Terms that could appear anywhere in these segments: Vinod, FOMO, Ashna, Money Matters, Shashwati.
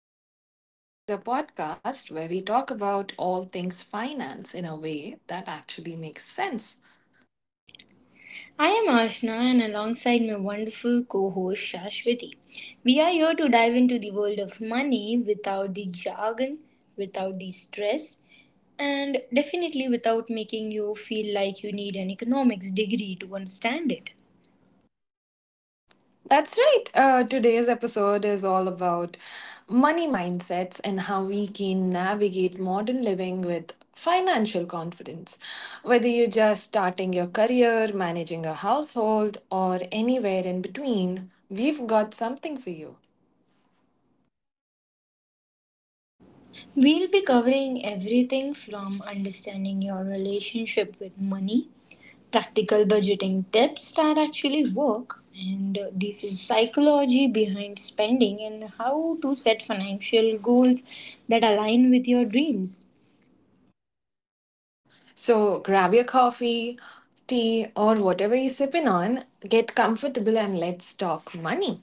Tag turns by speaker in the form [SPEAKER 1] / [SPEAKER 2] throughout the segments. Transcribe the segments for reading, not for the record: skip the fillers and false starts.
[SPEAKER 1] to Money Matters, the podcast where we talk about all things finance in a way that actually makes sense.
[SPEAKER 2] I am Ashna, and alongside my wonderful co host Shashwati, we are here to dive into the world of money without the jargon, without the stress, and definitely without making you feel like you need an economics degree to understand it.
[SPEAKER 1] That's right. Today's episode is all about money mindsets and how we can navigate modern living with financial confidence. Whether you're just starting your career, managing a household, or anywhere in between, we've got something for you.
[SPEAKER 2] We'll be covering everything from understanding your relationship with money practical budgeting tips that actually work and the psychology behind spending and how to set financial goals that align with your dreams.
[SPEAKER 1] So grab your coffee, tea, or whatever you're sipping on, get comfortable, and let's talk money.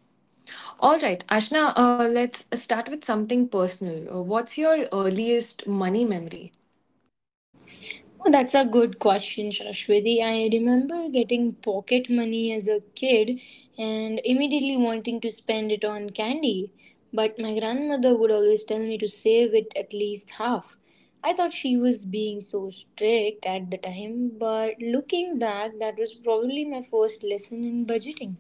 [SPEAKER 1] All right, Ashna, let's start with something personal. What's your earliest money memory?
[SPEAKER 2] Oh, that's a good question, Shashwati. I remember getting pocket money as a kid and immediately wanting to spend it on candy. But my grandmother would always tell me to save it at least half. I thought she was being so strict at the time, but looking back, that was probably my first lesson in budgeting.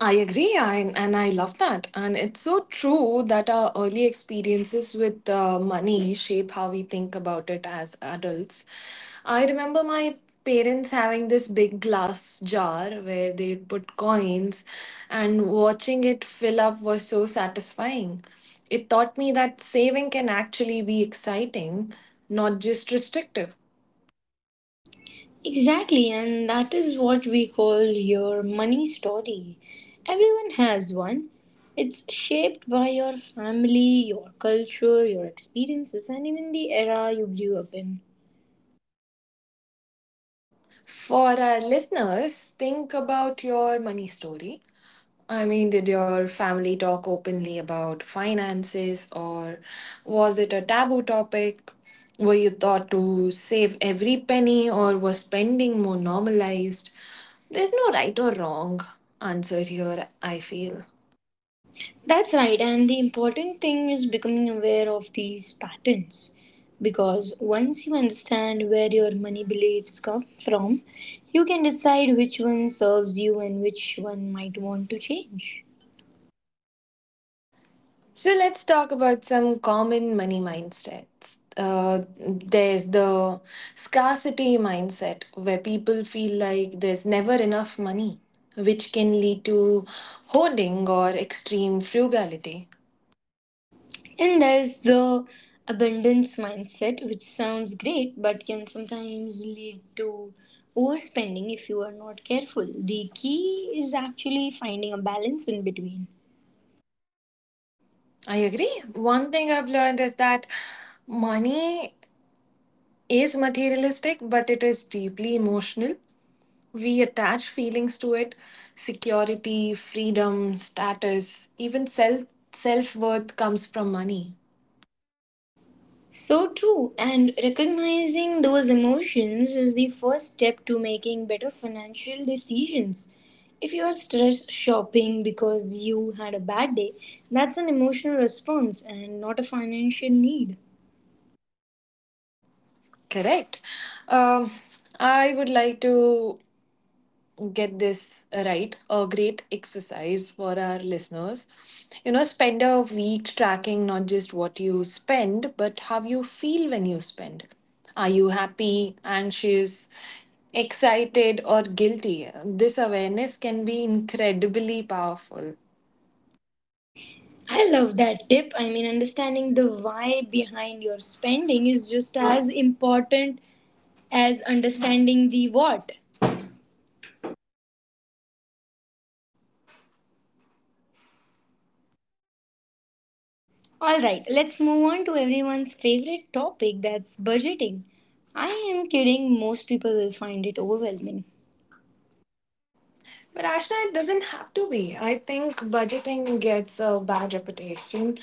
[SPEAKER 1] I agree, and I love that. And it's so true that our early experiences with money shape how we think about it as adults. I remember my parents having this big glass jar where they'd put coins, and watching it fill up was so satisfying. It taught me that saving can actually be exciting, not just restrictive.
[SPEAKER 2] Exactly, and that is what we call your money story. Everyone has one. It's shaped by your family, your culture, your experiences, and even the era you grew up in.
[SPEAKER 1] For our listeners, think about your money story. I mean, did your family talk openly about finances, or was it a taboo topic? Were you taught to save every penny, or was spending more normalized? There's no right or wrong answer here, I feel.
[SPEAKER 2] That's right, and the important thing is becoming aware of these patterns. Because once you understand where your money beliefs come from, you can decide which one serves you and which one might want to change.
[SPEAKER 1] So let's talk about some common money mindsets. There's the scarcity mindset where people feel like there's never enough money, which can lead to hoarding or extreme frugality.
[SPEAKER 2] And there's the abundance mindset, which sounds great but can sometimes lead to overspending if you are not careful. The key is actually finding a balance in between.
[SPEAKER 1] I agree. One thing I've learned is that money is materialistic, but it is deeply emotional. We attach feelings to it: security, freedom, status, even self worth comes from money.
[SPEAKER 2] So true, and recognizing those emotions is the first step to making better financial decisions. If you are stressed shopping because you had a bad day, that's an emotional response and not a financial need.
[SPEAKER 1] Correct. Um, I would like to get this right. A great exercise for our listeners: you know, spend a week tracking not just what you spend, but how you feel when you spend. Are you happy, anxious, excited, or guilty? This awareness can be incredibly powerful.
[SPEAKER 2] I love that tip. I mean, understanding the why behind your spending is just as important as understanding the what. All right, let's move on to everyone's favorite topic that's budgeting. I am kidding, most people will find it overwhelming.
[SPEAKER 1] But Ashna, it doesn't have to be. I think budgeting gets a bad reputation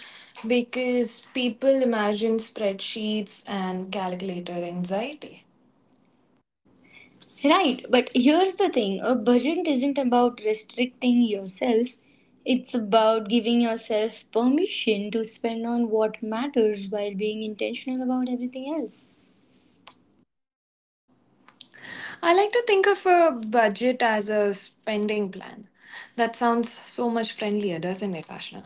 [SPEAKER 1] because people imagine spreadsheets and calculator anxiety.
[SPEAKER 2] Right, but here's the thing a budget isn't about restricting yourself, it's about giving yourself permission to spend on what matters while being intentional about everything else.
[SPEAKER 1] I like to think of a budget as a spending plan. That sounds so much friendlier, doesn't it, Ashna?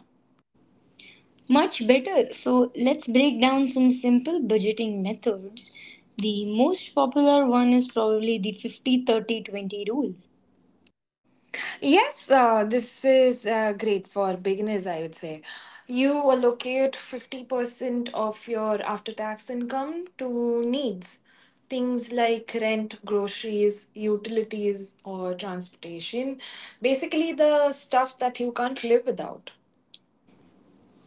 [SPEAKER 2] Much better. So let's break down some simple budgeting methods. The most popular one is probably the 50/30/20 rule.
[SPEAKER 1] Yes, this is great for beginners, I would say. You allocate 50% of your after tax income to needs, things like rent, groceries, utilities, or transportation. Basically, the stuff that you can't live without.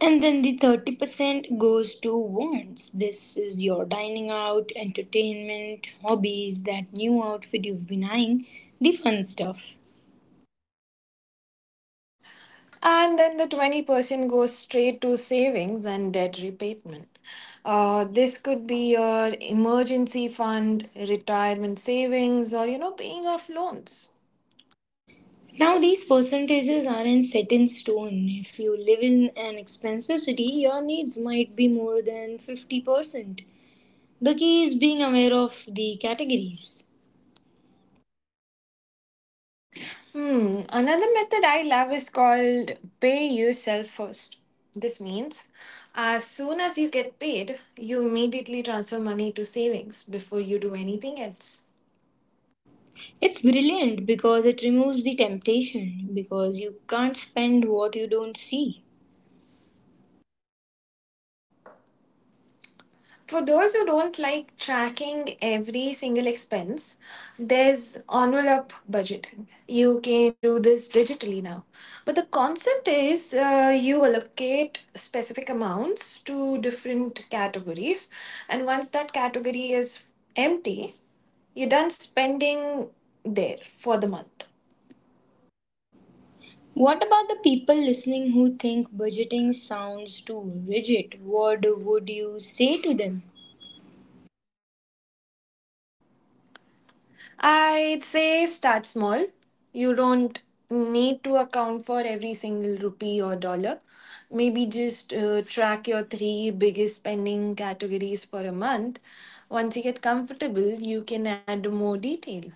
[SPEAKER 2] And then the 30% goes to wants. This is your dining out, entertainment, hobbies, that new outfit you've been eyeing, the fun stuff.
[SPEAKER 1] And then the 20% goes straight to savings and debt repayment. This could be your emergency fund, retirement savings, or you know, paying off loans.
[SPEAKER 2] Now, these percentages aren't set in stone. If you live in an expensive city, your needs might be more than 50%. The key is being aware of the categories.
[SPEAKER 1] Hmm. Another method I love is called pay yourself first. This means as soon as you get paid, you immediately transfer money to savings before you do anything else.
[SPEAKER 2] It's brilliant because it removes the temptation because you can't spend what you don't see.
[SPEAKER 1] For those who don't like tracking every single expense, there's envelope budgeting. You can do this digitally now. But the concept is you allocate specific amounts to different categories, and once that category is empty, you're done spending there for the month.
[SPEAKER 2] What about the people listening who think budgeting sounds too rigid? What would you say to them?
[SPEAKER 1] I'd say start small. You don't need to account for every single rupee or dollar. Maybe just track your three biggest spending categories for a month. Once you get comfortable, you can add more detail.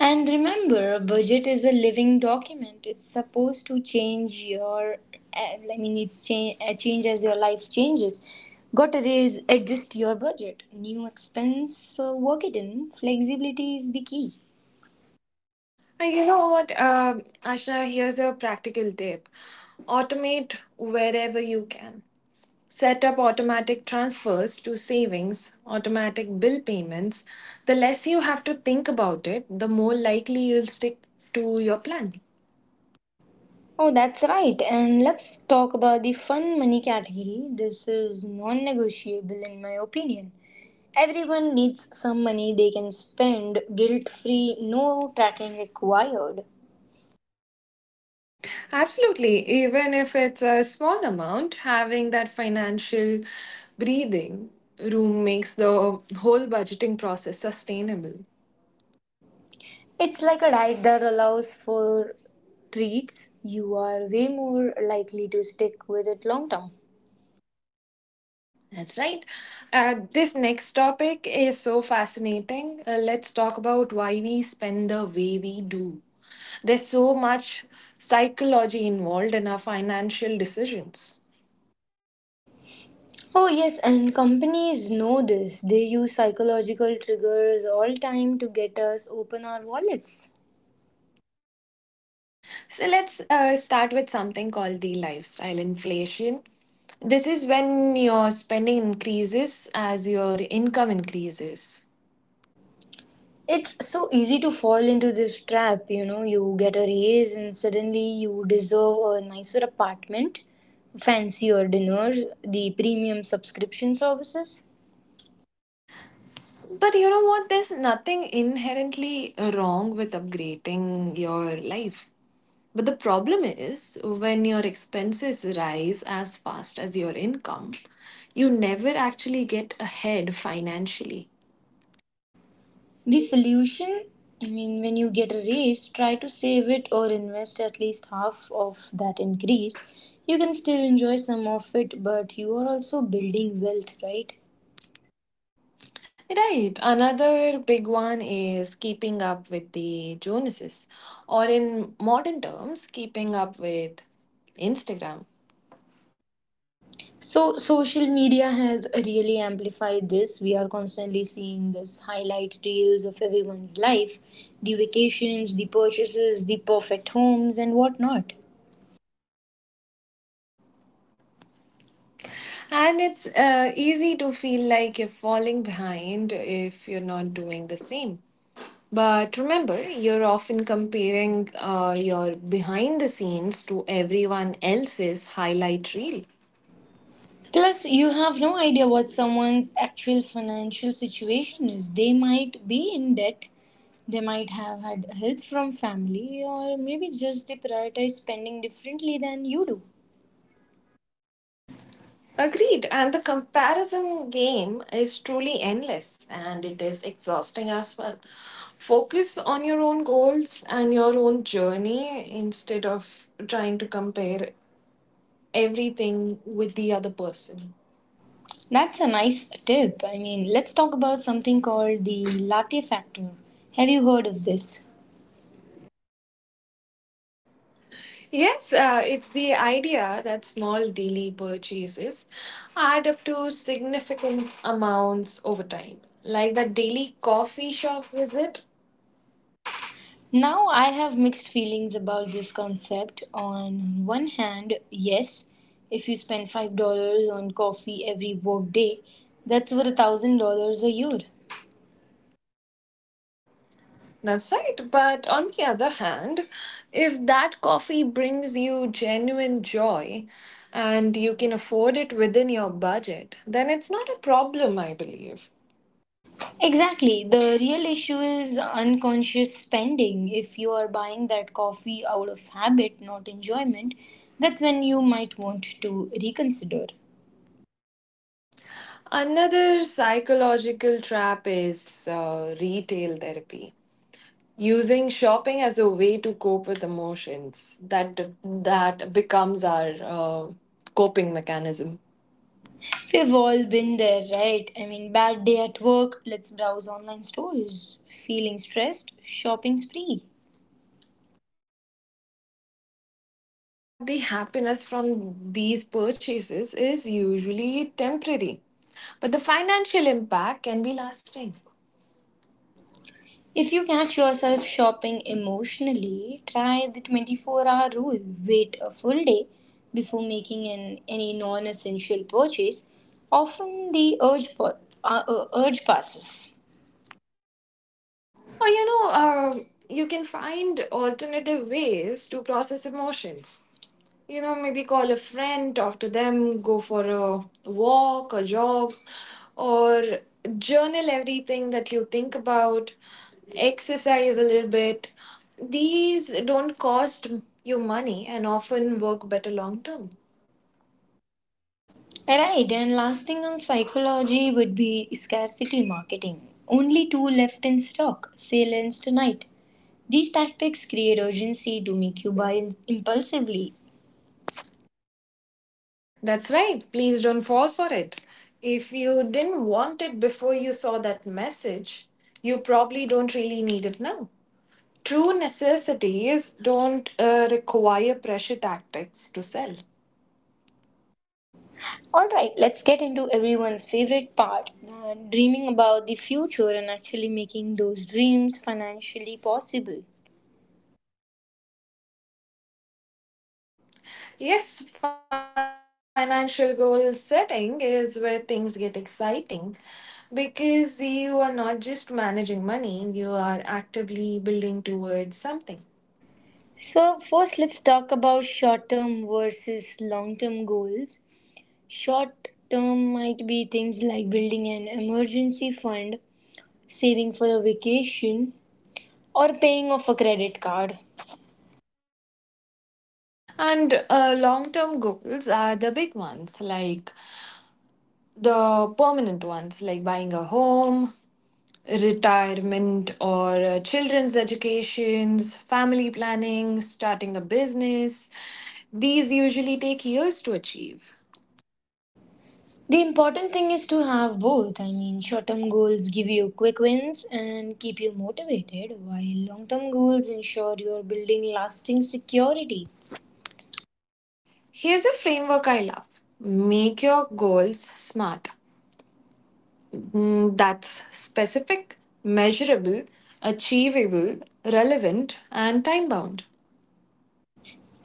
[SPEAKER 2] And remember, a budget is a living document. It's supposed to change your, I mean, it change as your life changes. Got to raise, adjust your budget. New expense, work it in. Flexibility is the key.
[SPEAKER 1] And you know what, Ashna, here's a practical tip: automate wherever you can. Set up automatic transfers to savings, automatic bill payments. The less you have to think about it, the more likely you'll stick to your plan.
[SPEAKER 2] Oh, that's right. And let's talk about the fun money category. This is non negotiable, in my opinion. Everyone needs some money they can spend guilt free, no tracking required.
[SPEAKER 1] Absolutely. Even if it's a small amount, having that financial breathing room makes the whole budgeting process sustainable.
[SPEAKER 2] It's like a diet that allows for treats. You are way more likely to stick with it long term.
[SPEAKER 1] That's right. This next topic is so fascinating. Let's talk about why we spend the way we do. There's so much psychology involved in our financial decisions.
[SPEAKER 2] Oh, yes, and companies know this. They use psychological triggers all time to get us open our wallets.
[SPEAKER 1] So let's start with something called the lifestyle inflation. This is when your spending increases as your income increases.
[SPEAKER 2] It's so easy to fall into this trap, you know. You get a raise and suddenly you deserve a nicer apartment, fancier dinners, the premium subscription services.
[SPEAKER 1] But you know what? There's nothing inherently wrong with upgrading your life. But the problem is when your expenses rise as fast as your income, you never actually get ahead financially.
[SPEAKER 2] The solution, I mean, when you get a raise, try to save it or invest at least half of that increase. You can still enjoy some of it, but you are also building wealth, right?
[SPEAKER 1] Right. Another big one is keeping up with the Joneses, or in modern terms, keeping up with Instagram.
[SPEAKER 2] So, social media has really amplified this. We are constantly seeing this highlight reels of everyone's life the vacations, the purchases, the perfect homes, and whatnot.
[SPEAKER 1] And it's easy to feel like you're falling behind if you're not doing the same. But remember, you're often comparing your behind the scenes to everyone else's highlight reel.
[SPEAKER 2] Plus, you have no idea what someone's actual financial situation is. They might be in debt, they might have had help from family, or maybe just they prioritize spending differently than you do.
[SPEAKER 1] Agreed, and the comparison game is truly endless and it is exhausting as well. Focus on your own goals and your own journey instead of trying to compare everything with the other person.
[SPEAKER 2] That's a nice tip. I mean, let's talk about something called the latte factor. Have you heard of this?
[SPEAKER 1] Yes, it's the idea that small daily purchases add up to significant amounts over time, like that daily coffee shop visit.
[SPEAKER 2] Now, I have mixed feelings about this concept. On one hand, yes, if you spend $5 on coffee every workday, that's over $1,000 a year.
[SPEAKER 1] That's right. But on the other hand, if that coffee brings you genuine joy and you can afford it within your budget, then it's not a problem, I believe.
[SPEAKER 2] Exactly. The real issue is unconscious spending. If you are buying that coffee out of habit, not enjoyment, that's when you might want to reconsider.
[SPEAKER 1] Another psychological trap is retail therapy, using shopping as a way to cope with emotions, that that becomes our coping mechanism.
[SPEAKER 2] We've all been there, right? I mean, bad day at work, let's browse online stores. Feeling stressed, shopping spree.
[SPEAKER 1] The problem is that the happiness from these purchases is usually temporary, but the financial impact can be lasting.
[SPEAKER 2] If you catch yourself shopping emotionally, try the 24-hour rule. Wait a full day before making any non essential purchase. Often the urge passes.
[SPEAKER 1] Or you can find alternative ways to process emotions. You know, maybe call a friend, talk to them, go for a walk, a jog, or journal everything that you think about, exercise a little bit. These don't cost you money and often work better long term.
[SPEAKER 2] Right, and last thing on psychology would be scarcity marketing. Only two left in stock, sale ends tonight. These tactics create urgency to make you buy impulsively.
[SPEAKER 1] That's right. Please don't fall for it. If you didn't want it before you saw that message, you probably don't really need it now. True necessities don't require pressure tactics to sell.
[SPEAKER 2] All right, let's get into everyone's favorite part dreaming about the future and actually making those dreams financially possible.
[SPEAKER 1] Yes, financial goal setting is where things get exciting because you are not just managing money, you are actively building towards something.
[SPEAKER 2] So, first, let's talk about short term versus long term goals. Short term might be things like building an emergency fund, saving for a vacation, or paying off a credit card.
[SPEAKER 1] And long term goals are the big ones, like the permanent ones, like buying a home, retirement, or children's educations, family planning, starting a business. These usually take years to achieve.
[SPEAKER 2] The important thing is to have both. I mean, short term goals give you quick wins and keep you motivated, while long term goals ensure you're building lasting security.
[SPEAKER 1] Here's a framework I love: make your goals smart. Mm, that's specific, measurable, achievable, relevant, and time bound.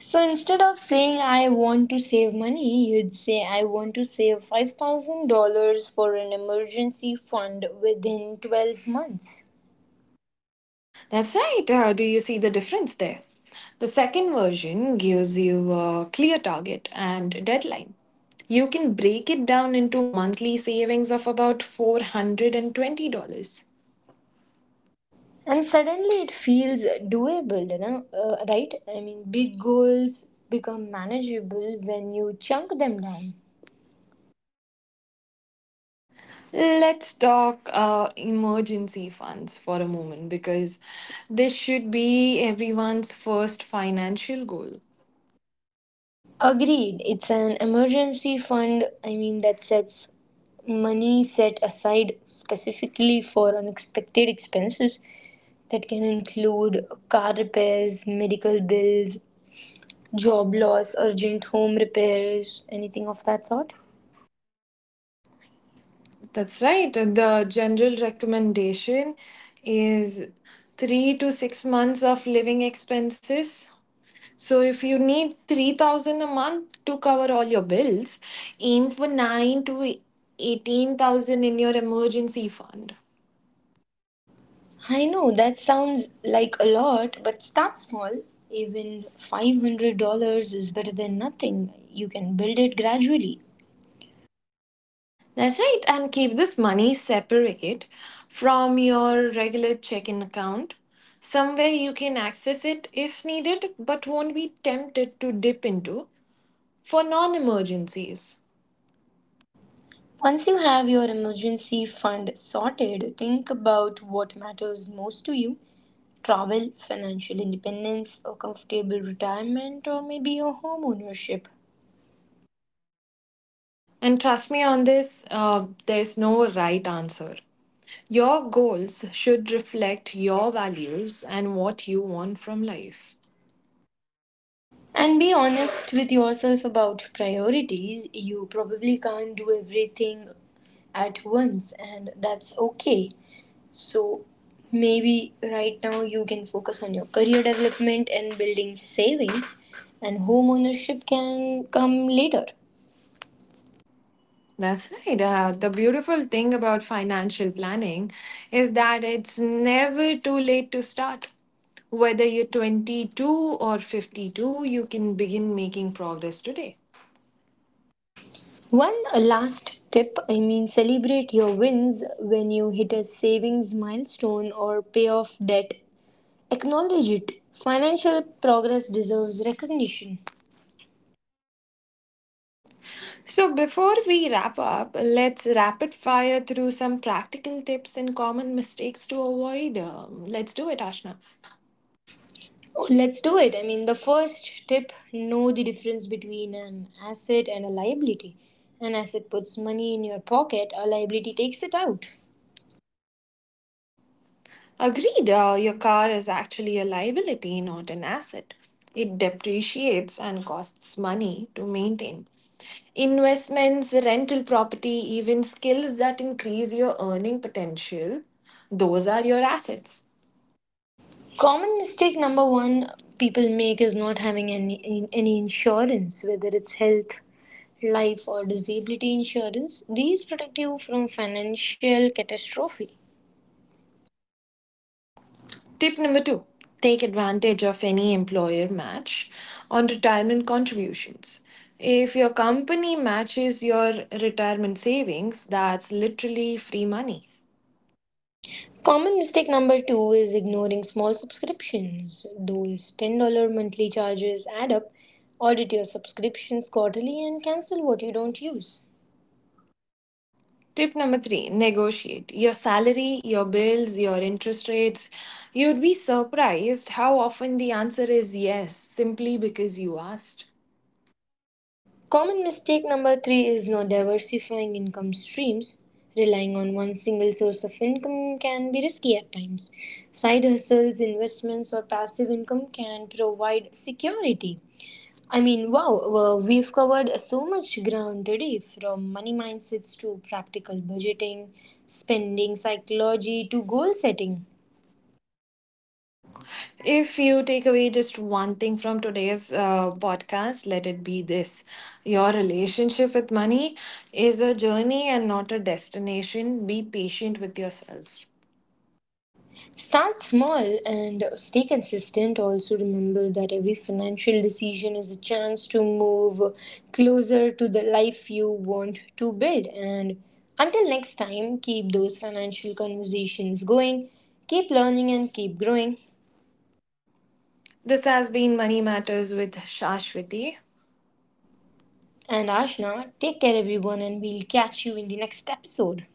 [SPEAKER 2] So instead of saying I want to save money, you'd say I want to save $5,000 for an emergency fund within 12 months.
[SPEAKER 1] That's right. Do you see the difference there? The second version gives you a clear target and deadline. You can break it down into monthly savings of about $420.
[SPEAKER 2] And suddenly it feels doable, right? I mean, big goals become manageable when you chunk them down.
[SPEAKER 1] Let's talk emergency funds for a moment because this should be everyone's first financial goal.
[SPEAKER 2] Agreed. It's an emergency fund. I mean, that sets money set aside specifically for unexpected expenses that can include car repairs, medical bills, job loss, urgent home repairs, anything of that sort.
[SPEAKER 1] That's right. The general recommendation is 3 to 6 months of living expenses. So if you need 3,000 a month to cover all your bills, aim for 9 to 18,000 in your emergency fund.
[SPEAKER 2] I know that sounds like a lot, but start small. Even $500 is better than nothing. You can build it gradually.
[SPEAKER 1] That's right. And keep this money separate from your regular check-in account. Somewhere you can access it if needed, but won't be tempted to dip into for non emergencies.
[SPEAKER 2] Once you have your emergency fund sorted, think about what matters most to you travel, financial independence, a comfortable retirement, or maybe a home ownership.
[SPEAKER 1] And trust me on this, there's no right answer. Your goals should reflect your values and what you want from life.
[SPEAKER 2] And be honest with yourself about priorities. You probably can't do everything at once, and that's okay. So, maybe right now you can focus on your career development and building savings, and home ownership can come later.
[SPEAKER 1] That's right. The beautiful thing about financial planning is that it's never too late to start. Whether you're 22 or 52, you can begin making progress today.
[SPEAKER 2] One last tip I mean, celebrate your wins when you hit a savings milestone or pay off debt. Acknowledge it. Financial progress deserves recognition.
[SPEAKER 1] So, before we wrap up, let's rapid fire through some practical tips and common mistakes to avoid. Let's do it, Ashna.
[SPEAKER 2] Oh, let's do it. I mean, the first tip know the difference between an asset and a liability. An asset puts money in your pocket, a liability takes it out.
[SPEAKER 1] Agreed, your car is actually a liability, not an asset. It depreciates and costs money to maintain. Investments, rental property, even skills that increase your earning potential, those are your assets.
[SPEAKER 2] Common mistake number one people make is not having any insurance, whether it's health, life, or disability insurance. These protect you from financial catastrophe.
[SPEAKER 1] Tip number two: take advantage of any employer match on retirement contributions. If your company matches your retirement savings, that's literally free money.
[SPEAKER 2] Common mistake number two is ignoring small subscriptions. Those $10 monthly charges add up. Audit your subscriptions quarterly and cancel what you don't use.
[SPEAKER 1] Tip number three, negotiate your salary, your bills, your interest rates. You'd be surprised how often the answer is yes, simply because you asked.
[SPEAKER 2] Common mistake number three is not diversifying income streams. Relying on one single source of income can be risky at times. Side hustles, investments, or passive income can provide security. I mean, wow, well, we've covered so much ground today from money mindsets to practical budgeting, spending psychology to goal setting.
[SPEAKER 1] If you take away just one thing from today's podcast, let it be this: your relationship with money is a journey and not a destination. Be patient with yourself.
[SPEAKER 2] Start small and stay consistent. Also, remember that every financial decision is a chance to move closer to the life you want to build. And until next time, keep those financial conversations going, keep learning, and keep growing.
[SPEAKER 1] This has been Money Matters with Shashwati.
[SPEAKER 2] And Ashna, take care, everyone, and we'll catch you in the next episode.